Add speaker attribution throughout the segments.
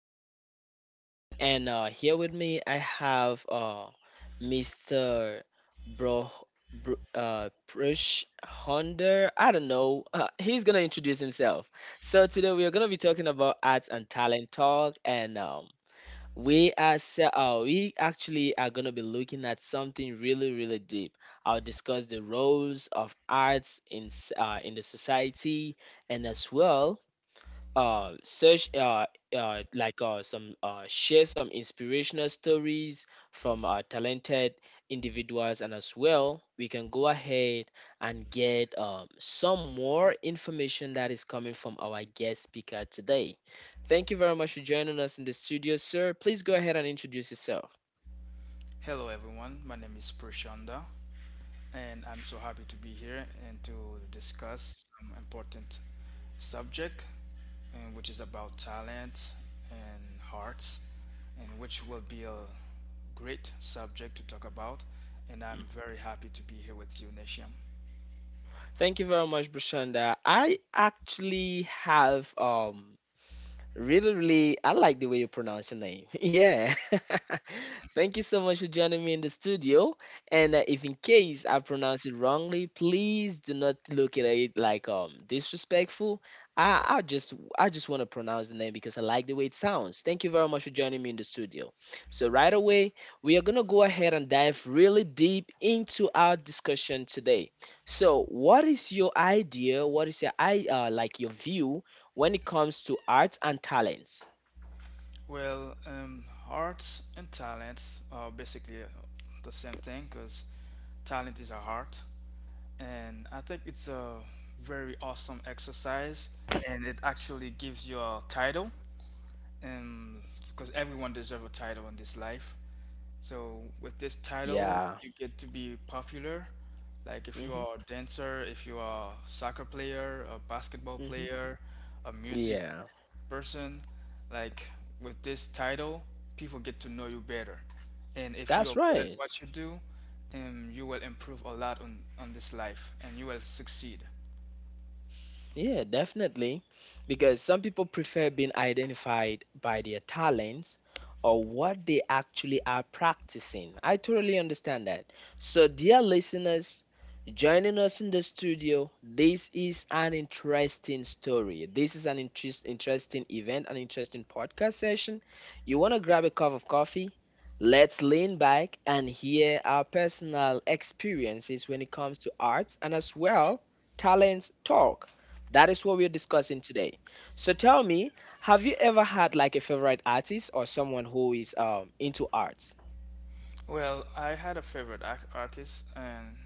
Speaker 1: studio today. And here with me, I have Mr. Bro, Bro Prush Honder. I don't know. He's gonna introduce himself. So today we are gonna be talking about arts and talent talk. And we as we actually are gonna be looking at something really deep. I'll discuss the roles of arts in in the society and as well search like some share some inspirational stories from talented individuals, and as well we can go ahead and get some more information that is coming from our guest speaker today. Thank you very much for joining us in the studio, sir. Please go ahead and introduce yourself.
Speaker 2: Hello, everyone. My name is Prashanda, and I'm so happy to be here and to discuss some important subject, and which is about talent and hearts, and which will be a great subject to talk about. And
Speaker 1: Hmm.
Speaker 2: I'm very happy to be here with you, Nisham.
Speaker 1: Thank you very much, Brashanda. I actually have Really, really, I like the way you pronounce your name. Yeah. Thank you so much for joining me in the studio. And if in case I pronounce it wrongly, please do not look at it like disrespectful. I just want to pronounce the name because I like the way it sounds. Thank you very much for joining me in the studio. So right away, we are gonna go ahead and dive really deep into our discussion today. So, what is your idea? What is your I like your view when it comes to arts and talents.
Speaker 2: Well, arts and talents are basically the same thing because talent is a heart, and I think it's a very awesome exercise, and it actually gives you a title um because everyone deserves a title in this life. So with this title
Speaker 1: Yeah.
Speaker 2: you get to be popular, like if you
Speaker 1: Hmm.
Speaker 2: are a dancer, if you are a soccer player, a basketball
Speaker 1: Hmm.
Speaker 2: player, a music
Speaker 1: Yeah.
Speaker 2: person. Like with this title people get to know you better, and if you are
Speaker 1: That's
Speaker 2: good at
Speaker 1: right.
Speaker 2: what you do, you will improve a lot on, this life and you will succeed.
Speaker 1: Yeah, definitely. Because some people prefer being identified by their talents or what they actually are practicing. I totally understand that. So, dear listeners, joining us in the studio, this is an interesting story. This is an interesting event, an interesting podcast session. You want to grab a cup of coffee? Let's lean back and hear our personal experiences when it comes to arts and as well talents talk. That is what we're discussing today. So tell me, have you ever had like a favorite artist or someone who is into arts?
Speaker 2: Well, I had a favorite artist, and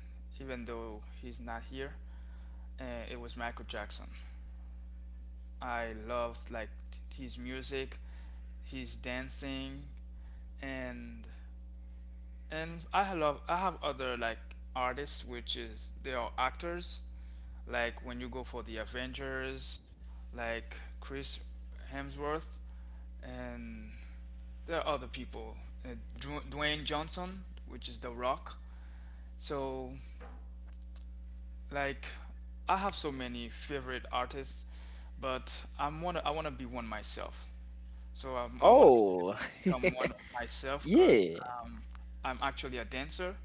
Speaker 2: even though he's not here, it was Michael Jackson. I loved like his music, his dancing, and I have other like artists which is they are actors. Like when you go for the Avengers, like Chris Hemsworth, and there are other people, Dwayne Johnson, which is The Rock. So like I have so many favorite artists, but I wanna be one myself. So I want to focus
Speaker 1: Oh,
Speaker 2: on become one of myself because
Speaker 1: yeah.
Speaker 2: um, I'm actually a dancer,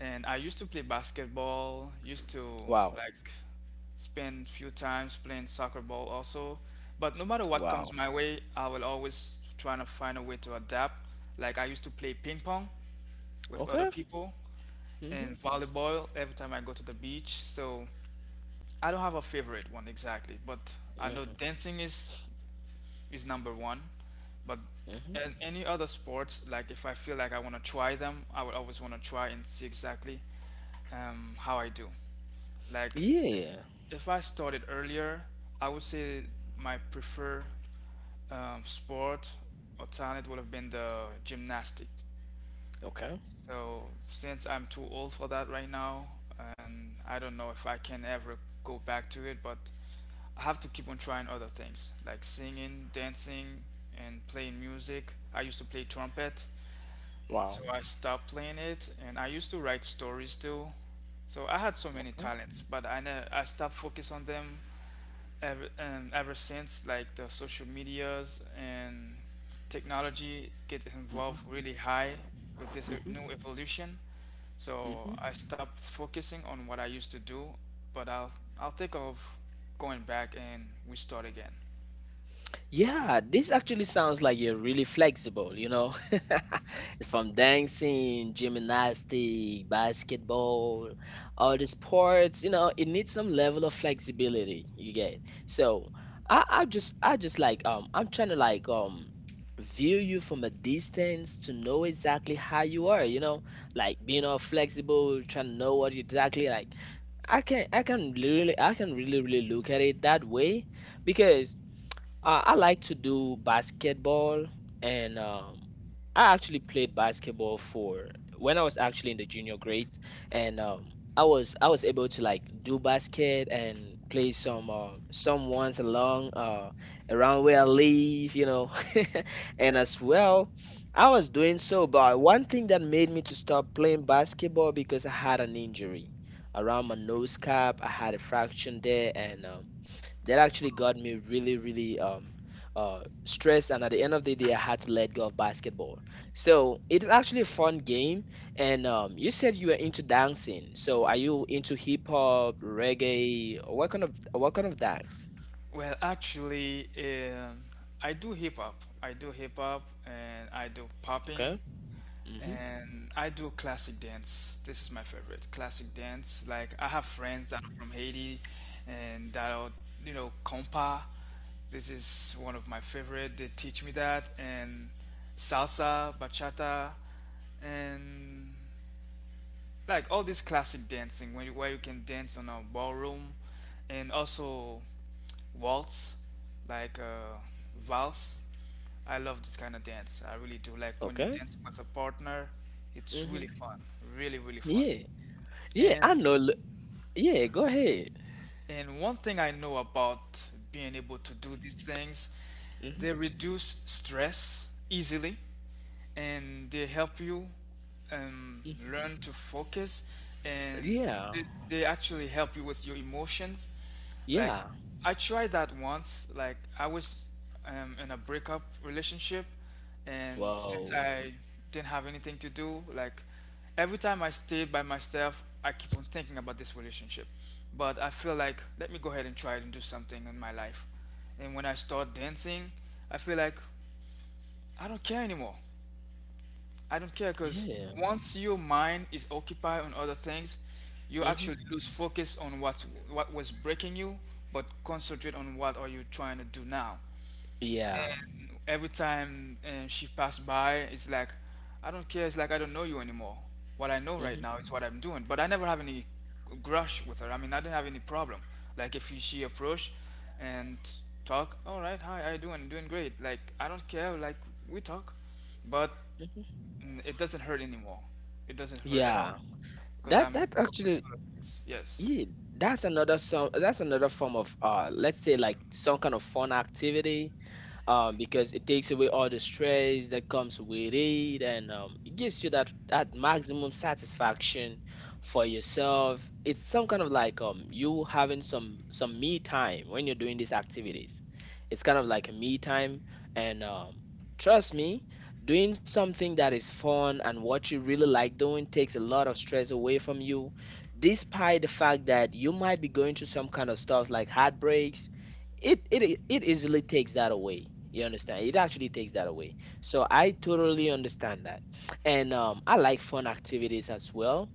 Speaker 2: and I used to play basketball, used to
Speaker 1: Wow.
Speaker 2: like spend few times playing soccer ball also. But no matter what comes
Speaker 1: Wow.
Speaker 2: my way, I will always trying to find a way to adapt. Like I used to play ping pong with other
Speaker 1: Okay.
Speaker 2: people,
Speaker 1: Mhm.
Speaker 2: and volleyball every time I go to the beach. So I don't have a favorite one exactly, but I know
Speaker 1: Mhm.
Speaker 2: dancing is number one. But
Speaker 1: Mhm.
Speaker 2: in any other sports, like if I feel like I want to try them, I would always want to try and see exactly how I do. Like if,
Speaker 1: Yeah.
Speaker 2: if I started earlier, I would say my preferred sport or talent would have been the gymnastic.
Speaker 1: Okay.
Speaker 2: So since I'm too old for that right now, and I don't know if I can ever go back to it, but I have to keep on trying other things like singing, dancing, and playing music. I used to play trumpet,
Speaker 1: Wow.
Speaker 2: so I stopped playing it, and I used to write stories too. So I had so many
Speaker 1: Okay.
Speaker 2: talents, but I stopped focus on them ever since like the social medias and technology get
Speaker 1: Mhm.
Speaker 2: involved really high with this
Speaker 1: Mhm.
Speaker 2: new evolution. So
Speaker 1: Mhm.
Speaker 2: I stopped focusing on what I used to do, but I'll think of going back and we start again.
Speaker 1: Yeah, this actually sounds like you're really flexible, you know?
Speaker 2: Yes.
Speaker 1: From dancing, gymnastic, basketball, all the sports, you know, it needs some level of flexibility, you get. So, I just like I'm trying to like view you from a distance to know exactly how you are, you know, like being all flexible, trying to know what you exactly like. I can really really look at it that way, because I like to do basketball, and I actually played basketball for when I was actually in the junior grade, and I was able to like do basket and play some ones along around where I live, you know, and as well, I was doing so. But one thing that made me to stop playing basketball, because I had an injury around my nose cap. I had a fraction there, and that
Speaker 2: Oh,
Speaker 1: actually
Speaker 2: wow.
Speaker 1: got me really stressed, and at the end of the day I had to let go of basketball. So it's actually a fun game. And you said you were into dancing, so are you into hip hop, reggae, or what kind of dance?
Speaker 2: Well, actually, I do hip hop. I do hip hop and I do popping,
Speaker 1: Okay. Mm-hmm.
Speaker 2: and I do classic dance. This is my favorite classic dance. Like I have friends that are from Haiti, and that are, you know, compa. This is one of my favorite. They teach me that, and salsa, bachata, and like all this classic dancing where where you can dance on a ballroom, and also waltz, like valse. I love this kind of dance. I really do, like when you're
Speaker 1: Okay.
Speaker 2: dancing with a partner it's
Speaker 1: Mm-hmm.
Speaker 2: really fun, really really fun.
Speaker 1: Yeah. yeah
Speaker 2: And
Speaker 1: i know l- Yeah, go ahead.
Speaker 2: one thing I know about being able to do these things,
Speaker 1: Mm-hmm.
Speaker 2: they reduce stress easily, and they help you um, learn to focus, and
Speaker 1: Yeah.
Speaker 2: they actually help you with your emotions. Like
Speaker 1: Yeah.
Speaker 2: I tried that once, like I was in a breakup relationship, and since
Speaker 1: Wow.
Speaker 2: I didn't have anything to do, like every time I stayed by myself I keep on thinking about this relationship, but I feel like let me go ahead and try it and do something in my life. And when I start dancing I feel like I don't care anymore. I don't care, because
Speaker 1: Yeah.
Speaker 2: once your mind is occupied on other things, you
Speaker 1: Mm-hmm.
Speaker 2: actually lose focus on what was breaking you, but concentrate on what are you trying to do now.
Speaker 1: Yeah.
Speaker 2: And every time she passed by, it's like I don't care. It's like I don't know you anymore. What I know right now is what I'm doing. But I never have any grush with her. I mean, I didn't have any problem. Like if she approached and talk, all right, hi, how you doing? Doing great. Like I don't care. Like we talk, but
Speaker 1: Mm-hmm.
Speaker 2: mm, it doesn't hurt anymore. It doesn't hurt at all,
Speaker 1: Yeah,
Speaker 2: because
Speaker 1: that
Speaker 2: I'm
Speaker 1: that
Speaker 2: focused
Speaker 1: actually
Speaker 2: on other things. Yes,
Speaker 1: Yeah, that's another some that's another form of let's say like some kind of fun activity, because it takes away all the stress that comes with it, and it gives you that, that maximum satisfaction for yourself. It's some kind of like you having some me time when you're doing these activities. It's kind of like a me time, and trust me, doing something that is fun and what you really like doing takes a lot of stress away from you, despite the fact that you might be going through some kind of stuff like heartbreaks. It easily takes that away. You understand, it actually takes that away. So I totally understand that. And I like fun activities as well.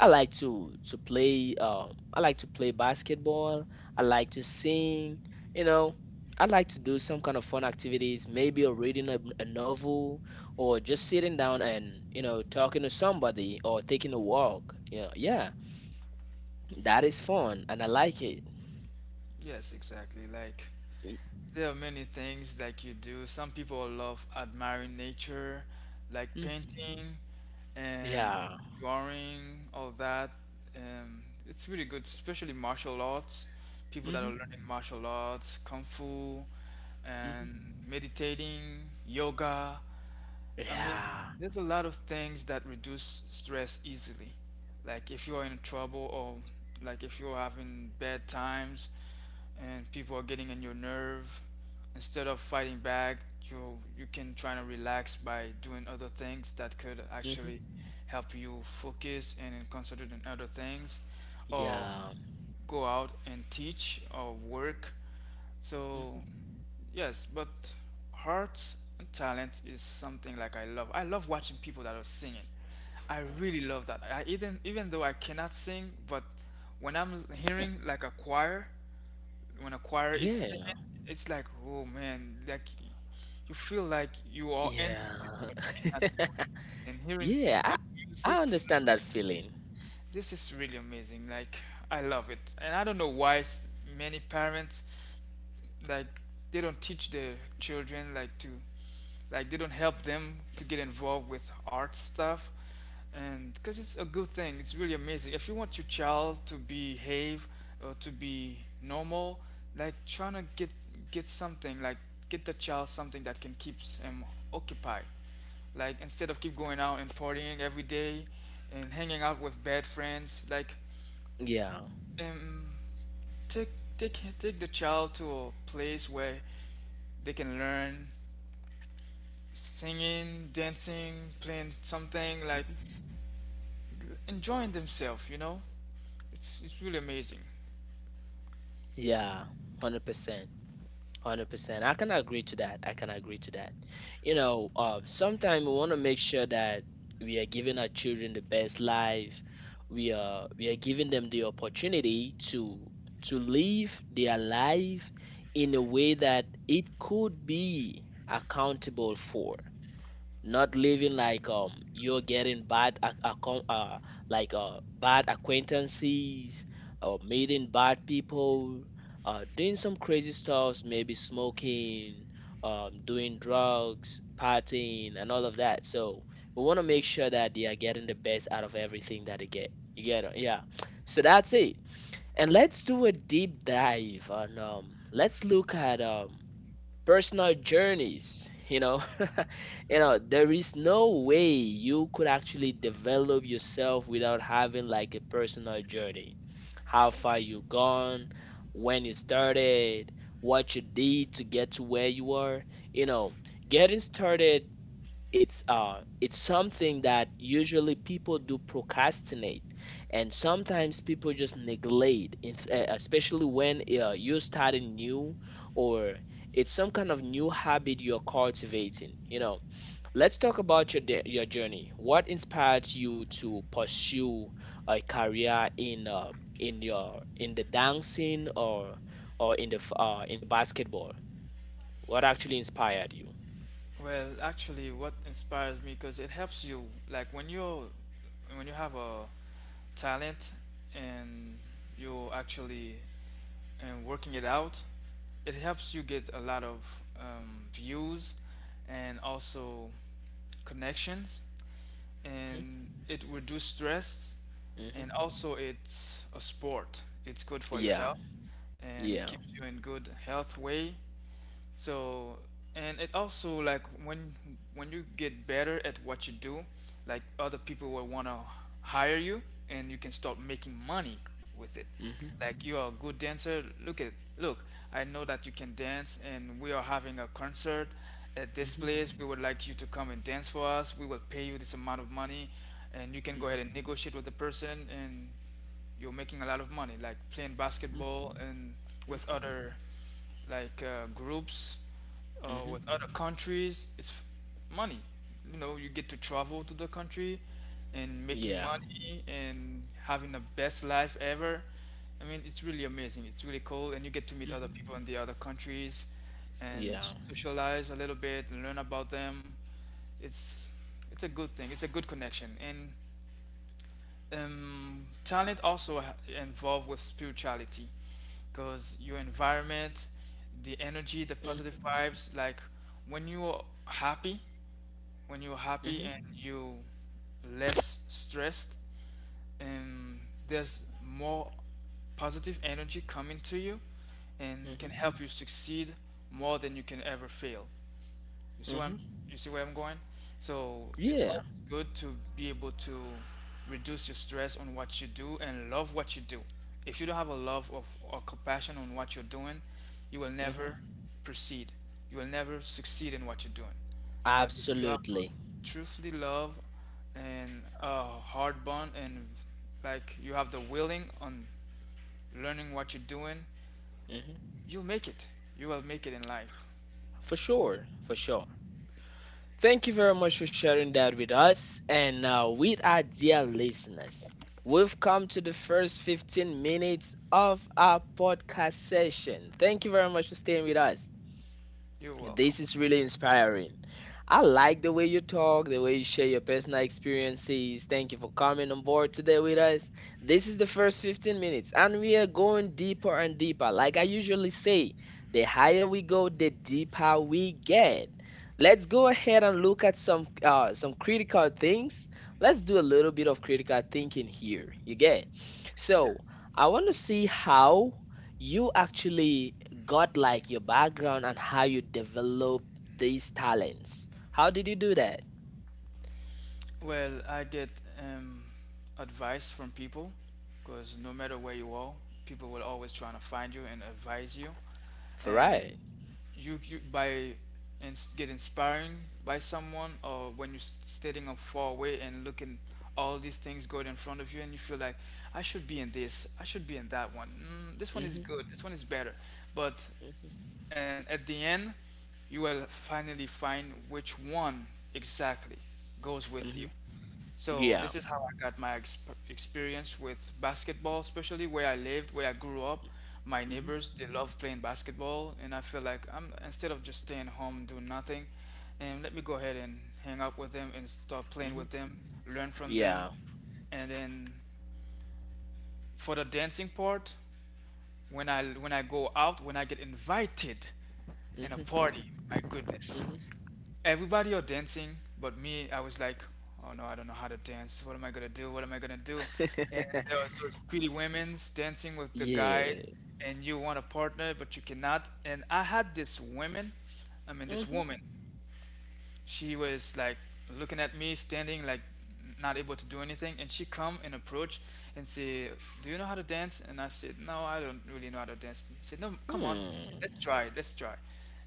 Speaker 1: I like to play, I like to play basketball, I like to sing, you know, I like to do some kind of fun activities, maybe or reading a novel, or just sitting down and you know talking to somebody or taking a walk, you know. Yeah, that is fun and I like it.
Speaker 2: yes, exactly. Like there are many things like you do. Some people love admiring nature, like
Speaker 1: Mhm.
Speaker 2: painting and
Speaker 1: Yeah.
Speaker 2: drawing, all that. It's really good, especially martial arts. People that are
Speaker 1: Hmm.
Speaker 2: learning martial arts, kung fu, and meditating, yoga. I mean,
Speaker 1: Yeah.
Speaker 2: there's a lot of things that reduce stress easily. Like if you are in trouble, or like if you're having bad times and people are getting on your nerve, instead of fighting back, you can try to relax by doing other things that could
Speaker 1: Hmm.
Speaker 2: actually help you focus and then concentrate on other things, or
Speaker 1: Yeah.
Speaker 2: go out and teach or work. So
Speaker 1: Hmm.
Speaker 2: yes, but heart and talent is something like I love. I love watching people that are singing. I really love that. I even though I cannot sing, but when I'm hearing like a choir, when a choir is
Speaker 1: Yeah.
Speaker 2: singing, it's like, oh man, like you feel like you are into this,
Speaker 1: Yeah.
Speaker 2: but you cannot do it. And hearing
Speaker 1: Yeah.
Speaker 2: good
Speaker 1: I
Speaker 2: music,
Speaker 1: understand that
Speaker 2: flutes,
Speaker 1: feeling.
Speaker 2: this is really amazing. Like I love it, and I don't know why many parents like they don't teach their children like they don't help them to get involved with art stuff. And because it's a good thing, it's really amazing. If you want your child to behave or to be normal, like trying to get something like get the child something that can keep him occupied, like instead of keep going out and partying every day and hanging out with bad friends, like
Speaker 1: Yeah.
Speaker 2: um take take the child to a place where they can learn singing, dancing, playing something, like
Speaker 1: Hmm.
Speaker 2: enjoying themselves, you know? It's really amazing.
Speaker 1: Yeah. 100%. 100%. I can agree to that. I can agree to that. You know, sometimes we want to make sure that we are giving our children the best life. We are giving them the opportunity to live their life in a way that it could be accountable for, not living like you're getting bad ac- accom- like bad acquaintances, or meeting bad people, doing some crazy stuffs, maybe smoking, doing drugs, partying, and all of that. So we want to make sure that they are getting the best out of everything that they get. You get it? Yeah, so that's it. And let's do a deep dive on let's look at personal journeys, you know. You know, there is no way you could actually develop yourself without having like a personal journey. How far you gone, when you started, what you did to get to where you are, you know, getting started. It's something that usually people do procrastinate, and sometimes people just neglect especially when you start a new, or it's some kind of new habit you're cultivating, you know. Let's talk about your your journey. What inspired you to pursue a career in your in the dancing, or in the in the basketball? What actually inspired you?
Speaker 2: Well, actually what inspires me because it helps you like when you have a talent and you're actually and working it out, it helps you get a lot of views and also connections, and it reduces stress,
Speaker 1: Hmm. Hmm.
Speaker 2: and also it's a sport. It's good for your
Speaker 1: Yeah.
Speaker 2: health, and
Speaker 1: Yeah.
Speaker 2: keeps you in good health way. So and it also like when you get better at what you do, like other people will wanna hire you, and you can start making money with it.
Speaker 1: Hmm.
Speaker 2: Like you are a good dancer. Look at look. I know that you can dance, and we are having a concert at this
Speaker 1: Mhm,
Speaker 2: place. We would like you to come and dance for us. We will pay you this amount of money, and you can go
Speaker 1: mhm,
Speaker 2: ahead and negotiate with the person, and you're making a lot of money, like playing
Speaker 1: mhm,
Speaker 2: basketball and with
Speaker 1: mhm,
Speaker 2: other like groups
Speaker 1: mhm.
Speaker 2: with other countries. It's money. You know, you get to travel to the country and
Speaker 1: Yeah.
Speaker 2: making money and having the best life ever. I mean, it's really amazing. It's really cool, and you get to meet
Speaker 1: Mhm.
Speaker 2: other people in the other countries and
Speaker 1: Yeah.
Speaker 2: socialize a little bit and learn about them. It's it's a good thing. It's a good connection, and talent also involved with spirituality because your environment, the energy, the
Speaker 1: Mm.
Speaker 2: positive vibes, like when you're happy when you're
Speaker 1: Mhm.
Speaker 2: happy and you less stressed and there's more positive energy coming to you and
Speaker 1: Mhm.
Speaker 2: can help you succeed more than you can ever fail. you see where
Speaker 1: Mhm.
Speaker 2: I'm, you see where I'm going? So it's
Speaker 1: Yeah.
Speaker 2: always good to be able to reduce your stress on what you do and love what you do. If you don't have a love of or compassion on what you're doing, you will
Speaker 1: Mhm.
Speaker 2: never proceed. You will never succeed in what you're doing. But if you have
Speaker 1: Absolutely.
Speaker 2: truthfully love and a hard bond and like you have the willing on learning what you're doing,
Speaker 1: Mhm.
Speaker 2: you make it. You will make it in life.
Speaker 1: For sure. For sure. Thank you very much for sharing that with us and with our dear listeners. We've come to the first 15 minutes of our podcast session. Thank you very much for staying with us.
Speaker 2: You're welcome.
Speaker 1: This is really inspiring. I like the way you talk, the way you share your personal experiences. Thank you for coming on board today with us. This is the first 15 minutes, and we are going deeper and deeper. Like I usually say, the higher we go, the deeper we get. Let's go ahead and look at some critical things. Let's do a little bit of critical thinking here. You get? So
Speaker 2: Yes.
Speaker 1: I want to see how you actually got like your background and how you develop these talents. How did you do that?
Speaker 2: Well, I get um, advice from people, because no matter where you are, people will always try to find you and advise you.
Speaker 1: For
Speaker 2: And
Speaker 1: right.
Speaker 2: you by ins get inspiring by someone, or when you're standing up far away and looking all these things going in front of you, and you feel like I should be in this, I should be in that one. Mm, this one is
Speaker 1: Mm-hmm.
Speaker 2: good, this one is better. But
Speaker 1: Mm-hmm.
Speaker 2: and at the end, you will finally find which one exactly goes with you.
Speaker 1: Mm-hmm.
Speaker 2: So
Speaker 1: Yeah.
Speaker 2: this is how I got my experience with basketball, especially where I lived, where I grew up. My
Speaker 1: Mm-hmm.
Speaker 2: neighbors, they love playing basketball, and I feel like I'm instead of just staying home doing nothing, and let me go ahead and hang out with them and start playing
Speaker 1: Mm-hmm.
Speaker 2: with them, learn from them,
Speaker 1: Yeah.
Speaker 2: and then for the dancing part, when I go out, when I get invited in a
Speaker 1: Mm-hmm.
Speaker 2: party, my goodness,
Speaker 1: Mm-hmm.
Speaker 2: everybody are dancing but me. I was like, oh no, I don't know how to dance. What am I gonna do, what am I gonna do? And there are those pretty women's dancing with the
Speaker 1: Yeah.
Speaker 2: guys and you want a partner but you cannot. And I had this woman, I mean this
Speaker 1: Mm-hmm.
Speaker 2: woman, she was like looking at me standing like not able to do anything, and she come and approach and say, do you know how to dance? And I said, no, I don't really know how to dance. She said, no, come on,
Speaker 1: Hmm.
Speaker 2: let's try, let's try.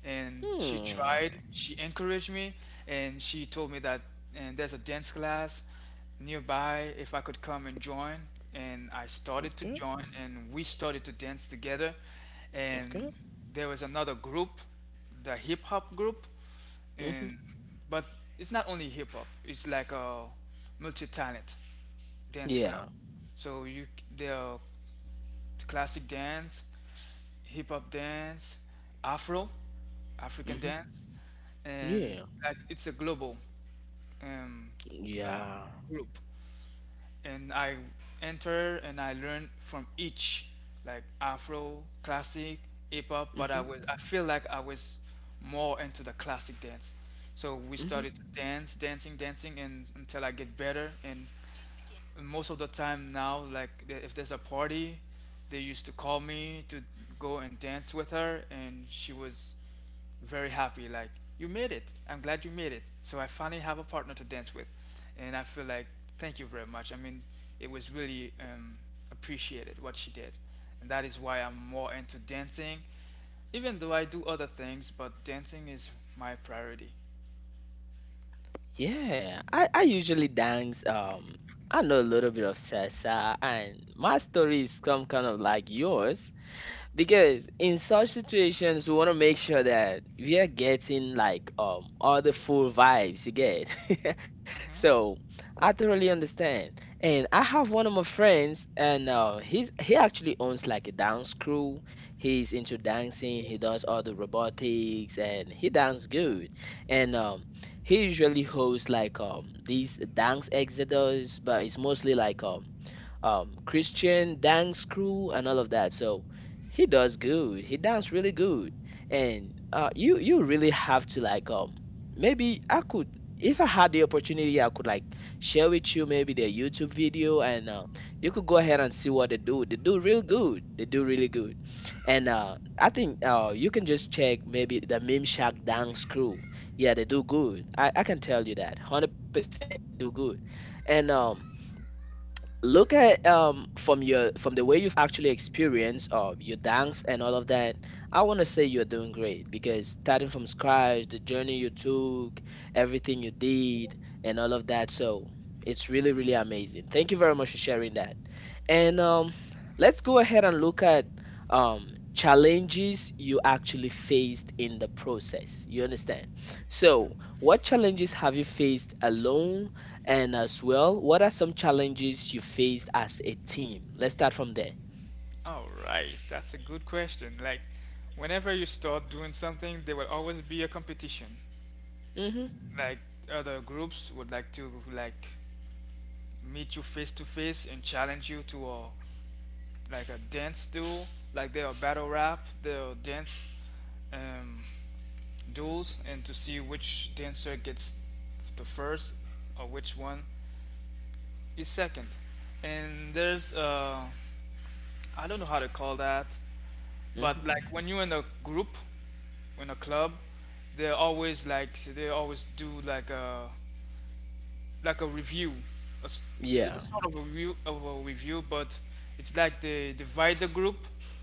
Speaker 2: And she tried,
Speaker 1: Hmm.
Speaker 2: she encouraged me, and she told me that and there's a dance class nearby if I could come and join. And I started to
Speaker 1: Okay.
Speaker 2: join and we started to dance together. And
Speaker 1: Okay.
Speaker 2: there was another group, the hip hop group,
Speaker 1: Mm-hmm.
Speaker 2: and but it's not only hip hop. It's like a multi-talent dance club.
Speaker 1: Yeah.
Speaker 2: So you, there are classic dance, hip hop dance, Afro, African
Speaker 1: Mm-hmm.
Speaker 2: dance, and
Speaker 1: Yeah.
Speaker 2: like it's a global um, um,
Speaker 1: Yeah.
Speaker 2: group. And I enter and I learn from each, like Afro, classic, hip hop. But I
Speaker 1: Mm-hmm.
Speaker 2: was, I feel like I was more into the classic dance. So we started
Speaker 1: Mm-hmm.
Speaker 2: to dance, dancing, dancing, and until I get better. And most of the time now, like if there's a party they used to call me to go and dance with her, and she was very happy, like, you made it, I'm glad you made it, so I finally have a partner to dance with. And I feel like, thank you very much. I mean, it was really appreciated what she did, and that is why I'm more into dancing. Even though I do other things, but dancing is my priority.
Speaker 1: Yeah, I usually dance. I know a little bit of salsa, and my story is some kind of like yours, because in such situations we want to make sure that we are getting like all the full vibes, you get. So I totally understand. And I have one of my friends, and he's he actually owns like a dance crew. He's into dancing, he does all the robotics, and he dances good. And he usually hosts like these dance exodus, but it's mostly like Christian dance crew and all of that. So he does good. He dance really good, and you you really have to like maybe I could, if I had the opportunity I could like share with you maybe their YouTube video, and you could go ahead and see what they do. They do real good. They do really good. And I think you can just check maybe the Meme Shack dance crew. Yeah, they do good. I can tell you that 100%. They do good. And look at from your from the way you've actually experienced of your dance and all of that, I want to say you're doing great, because starting from scratch, the journey you took, everything you did, and all of that. So it's really really amazing. Thank you very much for sharing that. And let's go ahead and look at um challenges you actually faced in the process, you understand. So what challenges have you faced alone, and as well, what are some challenges you faced as a team? Let's start from there.
Speaker 2: All right, that's a good question. Like, whenever you start doing something, there will always be a competition.
Speaker 1: Mhm.
Speaker 2: Like, other groups would like to like meet you face to face and challenge you to a like a dance duel. Like, there are battle rap, there are dance um, duels, and to see which dancer gets the first or which one is second. And there's I don't know how to call that, but
Speaker 1: Mhm.
Speaker 2: like when you're in a group in a club, they're always like they always do like a review. A s- It's a
Speaker 1: Yeah.
Speaker 2: sort of a review, but it's like they divide the group,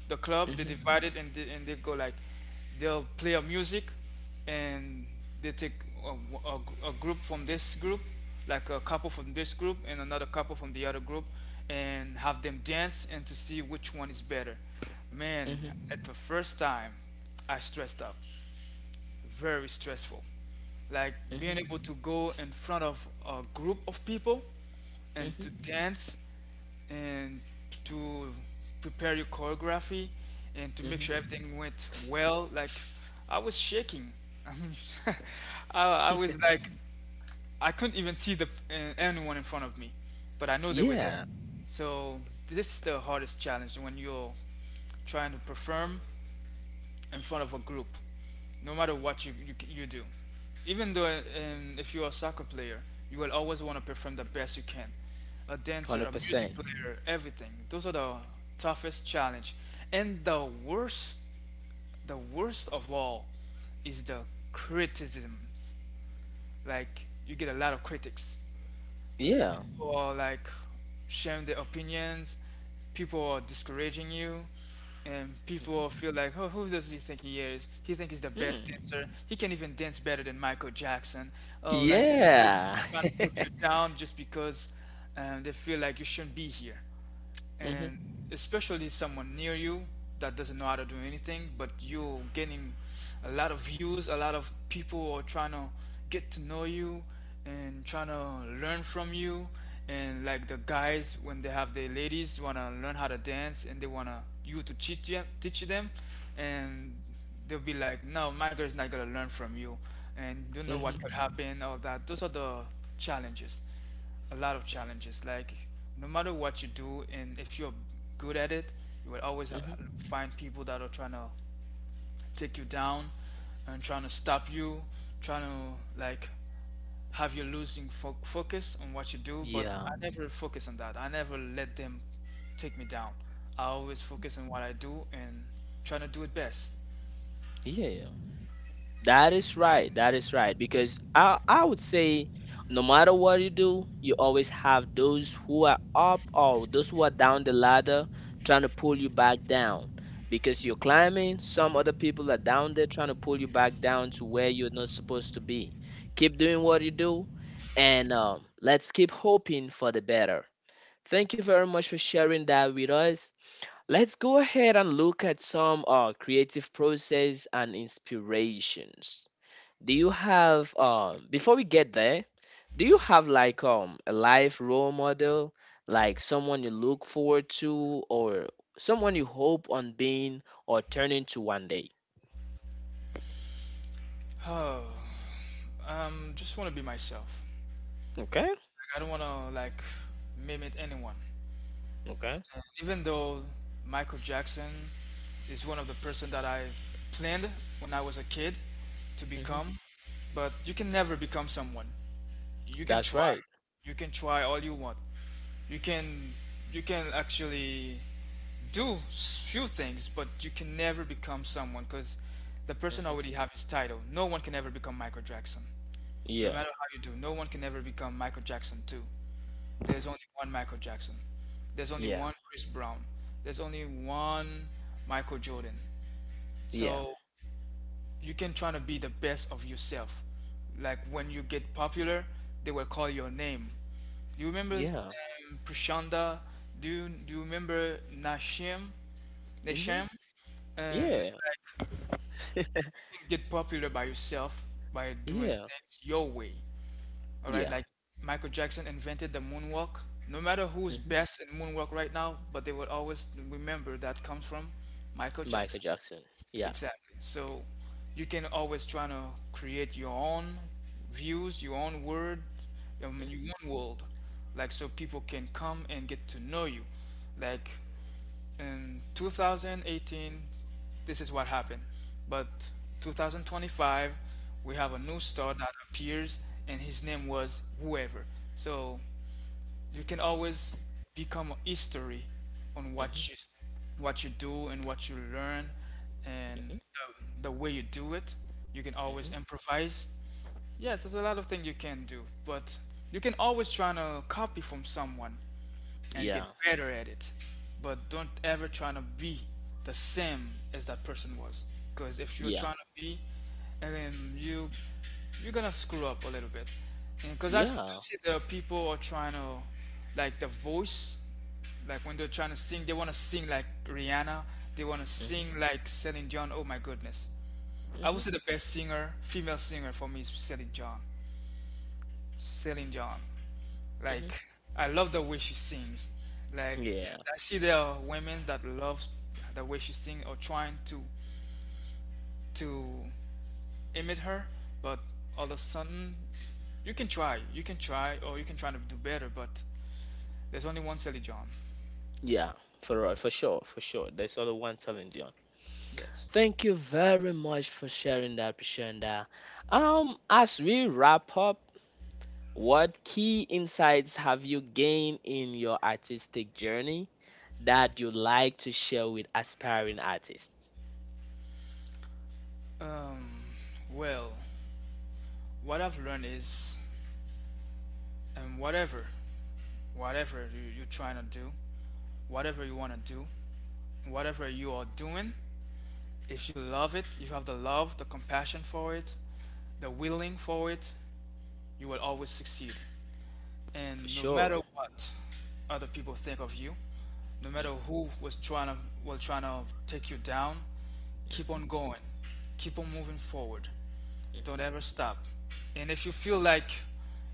Speaker 2: the club. They
Speaker 1: Mhm.
Speaker 2: divide it and they go like they'll play a music, and they take a, a a group from this group, like a couple from this group and another couple from the other group, and have them dance and to see which one is better. Man,
Speaker 1: Mhm.
Speaker 2: at the first time, I stressed up, very stressful. Like being
Speaker 1: Mhm.
Speaker 2: able to go in front of a group of people and to
Speaker 1: Mhm.
Speaker 2: dance and to prepare your choreography and to make sure
Speaker 1: Mhm.
Speaker 2: everything went well. Like, I was shaking. I mean, I was like I couldn't even see the anyone in front of me, but I know they were there.
Speaker 1: Yeah.
Speaker 2: So this is the hardest challenge when you're trying to perform in front of a group, no matter what you do. Even though if you're a soccer player, you will always want to perform the best you can. A dancer, a music
Speaker 1: 100%.
Speaker 2: player, everything. Those are the toughest challenge. And the worst of all is the criticisms. Like you get a lot of critics,
Speaker 1: Yeah.
Speaker 2: people are like sharing their opinions, people are discouraging you, and
Speaker 1: Mhm.
Speaker 2: people feel like, oh, who does he think he is? He think he's the best
Speaker 1: Mm.
Speaker 2: dancer. He can even dance better than Michael Jackson. Oh, like you feel like
Speaker 1: Yeah.
Speaker 2: they're trying to put you down just because they feel like you shouldn't be here,
Speaker 1: Mhm.
Speaker 2: and especially someone near you that doesn't know how to do anything, but you're getting a lot of views, a lot of people are trying to get to know you and trying to learn from you. And like the guys, when they have their ladies, you want to learn how to dance and they want you to teach them, and they'll be like, "No, my girl's not gonna learn from you," and don't know what
Speaker 1: Mhm.
Speaker 2: could happen, all that. Those are the challenges, a lot of challenges. Like no matter what you do, and if you're good at it, you will always
Speaker 1: Mhm.
Speaker 2: find people that are trying to take you down and trying to stop you, trying to like have you losing focus on what you do. But
Speaker 1: Yeah.
Speaker 2: I never focus on that. I never let them take me down. I always focus on what I do and trying to do it best.
Speaker 1: Yeah. That is right. That is right. Because I would say no matter what you do, you always have those who are up or those who are down the ladder trying to pull you back down. Because you're climbing, some other people are down there trying to pull you back down to where you're not supposed to be. Keep doing what you do, and let's keep hoping for the better. Thank you very much for sharing that with us. Let's go ahead and look at some creative process and inspirations. Do you have before we get there, do you have like a life role model, like someone you look forward to, or someone you hope on being or turning to one day?
Speaker 2: Oh, just want to be myself.
Speaker 1: Okay.
Speaker 2: Like, I don't want to like mimic anyone.
Speaker 1: Okay.
Speaker 2: And even though Michael Jackson is one of the person that I planned when I was a kid to
Speaker 1: Hmm.
Speaker 2: become, but you can never become someone. You can
Speaker 1: That's
Speaker 2: try.
Speaker 1: right.
Speaker 2: You can try all you want. You can, you can actually do few things, but you can never become someone because the person
Speaker 1: Hmm.
Speaker 2: already have his title. No one can ever become Michael Jackson. No
Speaker 1: Yeah.
Speaker 2: matter how you do, no one can ever become Michael Jackson too. There's only one Michael Jackson. There's only
Speaker 1: Yeah.
Speaker 2: one Chris Brown. There's only one Michael Jordan.
Speaker 1: Yeah.
Speaker 2: So you can try to be the best of yourself. Like when you get popular, they will call your name. You remember
Speaker 1: Yeah.
Speaker 2: Prashanda? Do you remember Nashim?
Speaker 1: Hmm.
Speaker 2: Nashim? And it's
Speaker 1: Yeah.
Speaker 2: like you get popular by yourself by doing
Speaker 1: Yeah.
Speaker 2: things your way. All right,
Speaker 1: Yeah.
Speaker 2: like Michael Jackson invented the moonwalk. No matter who's
Speaker 1: Hmm.
Speaker 2: best in moonwalk right now, but they will always remember that comes from Michael
Speaker 1: Michael
Speaker 2: Jackson.
Speaker 1: Jackson. Yeah.
Speaker 2: Exactly. So you can always try to create your own views, your own word, I mean your
Speaker 1: Hmm.
Speaker 2: own world. Like so people can come and get to know you. Like in 2018 this is what happened, but 2025 we have a new star that appears and his name was whoever. So you can always become a history on
Speaker 1: Hmm.
Speaker 2: what you do and what you learn, and
Speaker 1: Hmm.
Speaker 2: the way you do it you can always
Speaker 1: Hmm.
Speaker 2: improvise. Yes, there's a lot of things you can do, but you can always try to copy from someone and get
Speaker 1: Yeah.
Speaker 2: better at it. But don't ever try to be the same as that person was. Because if you're
Speaker 1: Yeah.
Speaker 2: trying to be, you you're gonna screw up a little bit. Because I do
Speaker 1: Yeah.
Speaker 2: see there are people are trying to like the voice, like when they're trying to sing, they want to sing like Rihanna. They want to
Speaker 1: Hmm.
Speaker 2: sing like Celine Dion. Oh my goodness! I
Speaker 1: Hmm.
Speaker 2: would say the best singer, female singer for me is Celine Dion. Celine Dion.
Speaker 1: Hmm.
Speaker 2: Like I love the way she sings. Like
Speaker 1: Yeah.
Speaker 2: and I see there are women that love the way she sings or trying to imitate her, but all of a sudden you can try, or you can try to do better. But there's only one Sally John.
Speaker 1: Yeah, for right, for sure, for sure. There's only one Celine Dion.
Speaker 2: Yes.
Speaker 1: Thank you very much for sharing that, Prashanda. As we wrap up, what key insights have you gained in your artistic journey that you'd like to share with aspiring artists?
Speaker 2: Um, well, what I've learned is, whatever, whatever you're trying to do, whatever you want to do, whatever you are doing, if you love it, you have the love, the compassion for it, the willing for it, you will always succeed.
Speaker 1: For
Speaker 2: And no matter
Speaker 1: sure.
Speaker 2: what other people think of you, no matter who was trying to take you down, keep
Speaker 1: Mm-hmm.
Speaker 2: on going. Keep on moving forward. Don't
Speaker 1: Hmm.
Speaker 2: ever stop. And if you feel like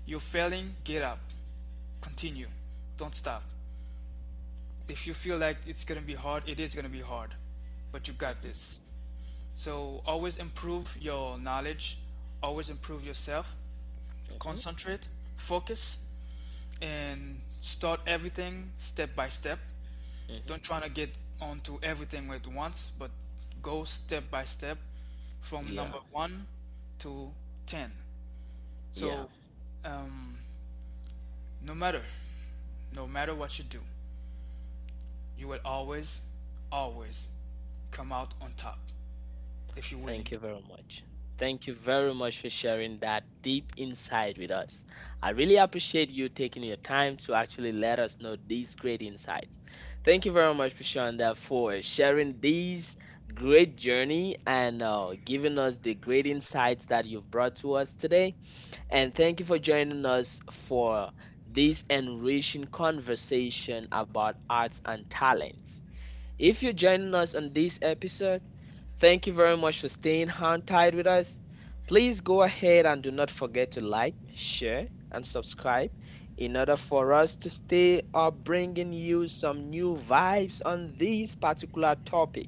Speaker 2: you're failing, get up. Continue. Don't stop. If you feel like it's gonna be hard, it is gonna be hard. But you got
Speaker 1: Hmm.
Speaker 2: this. So always improve your knowledge, always improve yourself,
Speaker 1: Hmm.
Speaker 2: concentrate, focus, and start everything step by step.
Speaker 1: Hmm.
Speaker 2: Don't try to get onto everything at once, but go step by step from number
Speaker 1: Yeah,
Speaker 2: one to 10.
Speaker 1: yeah.
Speaker 2: So, um, no matter, no matter what you do, you will always, always come out on top if you're willing
Speaker 1: Thank you very much. Thank you very much for sharing that deep insight with us. I really appreciate you taking your time to actually let us know these great insights. Thank you very much, Prashanda, for sharing these great journey and giving us the great insights that you've brought to us today. And thank you for joining us for this enriching conversation about arts and talents. If you're joining us on this episode, thank you very much for staying hand tied with us. Please go ahead and do not forget to like, share, and subscribe in order for us to stay up bringing you some new vibes on this particular topic.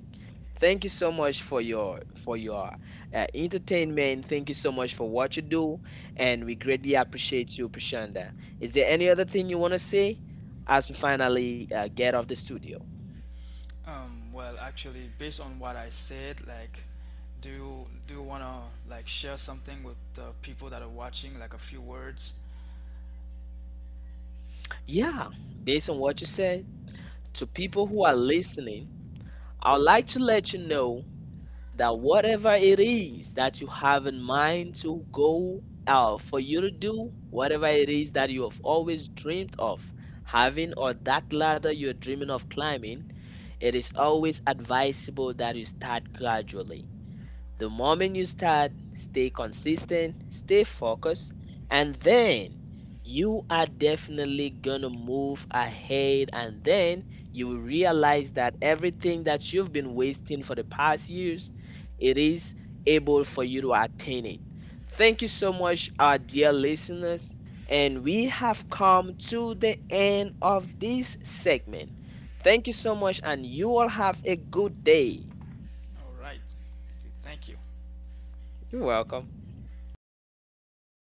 Speaker 1: Thank you so much for your entertainment. Thank you so much for what you do, and we greatly appreciate you, Prashanda. Is there any other thing you want to say as we finally get off the studio?
Speaker 2: to. Well, actually, based on what I said, like, do you wanna like share something with the people that are watching, like a few words.
Speaker 1: Yeah, based on what you said, to people who are listening, I would like to let you know that whatever it is that you have in mind to go out for you to do, whatever it is that you have always dreamed of having, or that ladder you're dreaming of climbing, it is always advisable that you start gradually. The moment you start, stay consistent, stay focused, and then you are definitely gonna move ahead. And then you will realize that everything that you've been wasting for the past years, it is able for you to attain it. Thank you so much, our dear listeners. And we have come to the end of this segment. Thank you so much, and you all have a good day.
Speaker 2: All right. Okay, thank you.
Speaker 1: You're welcome.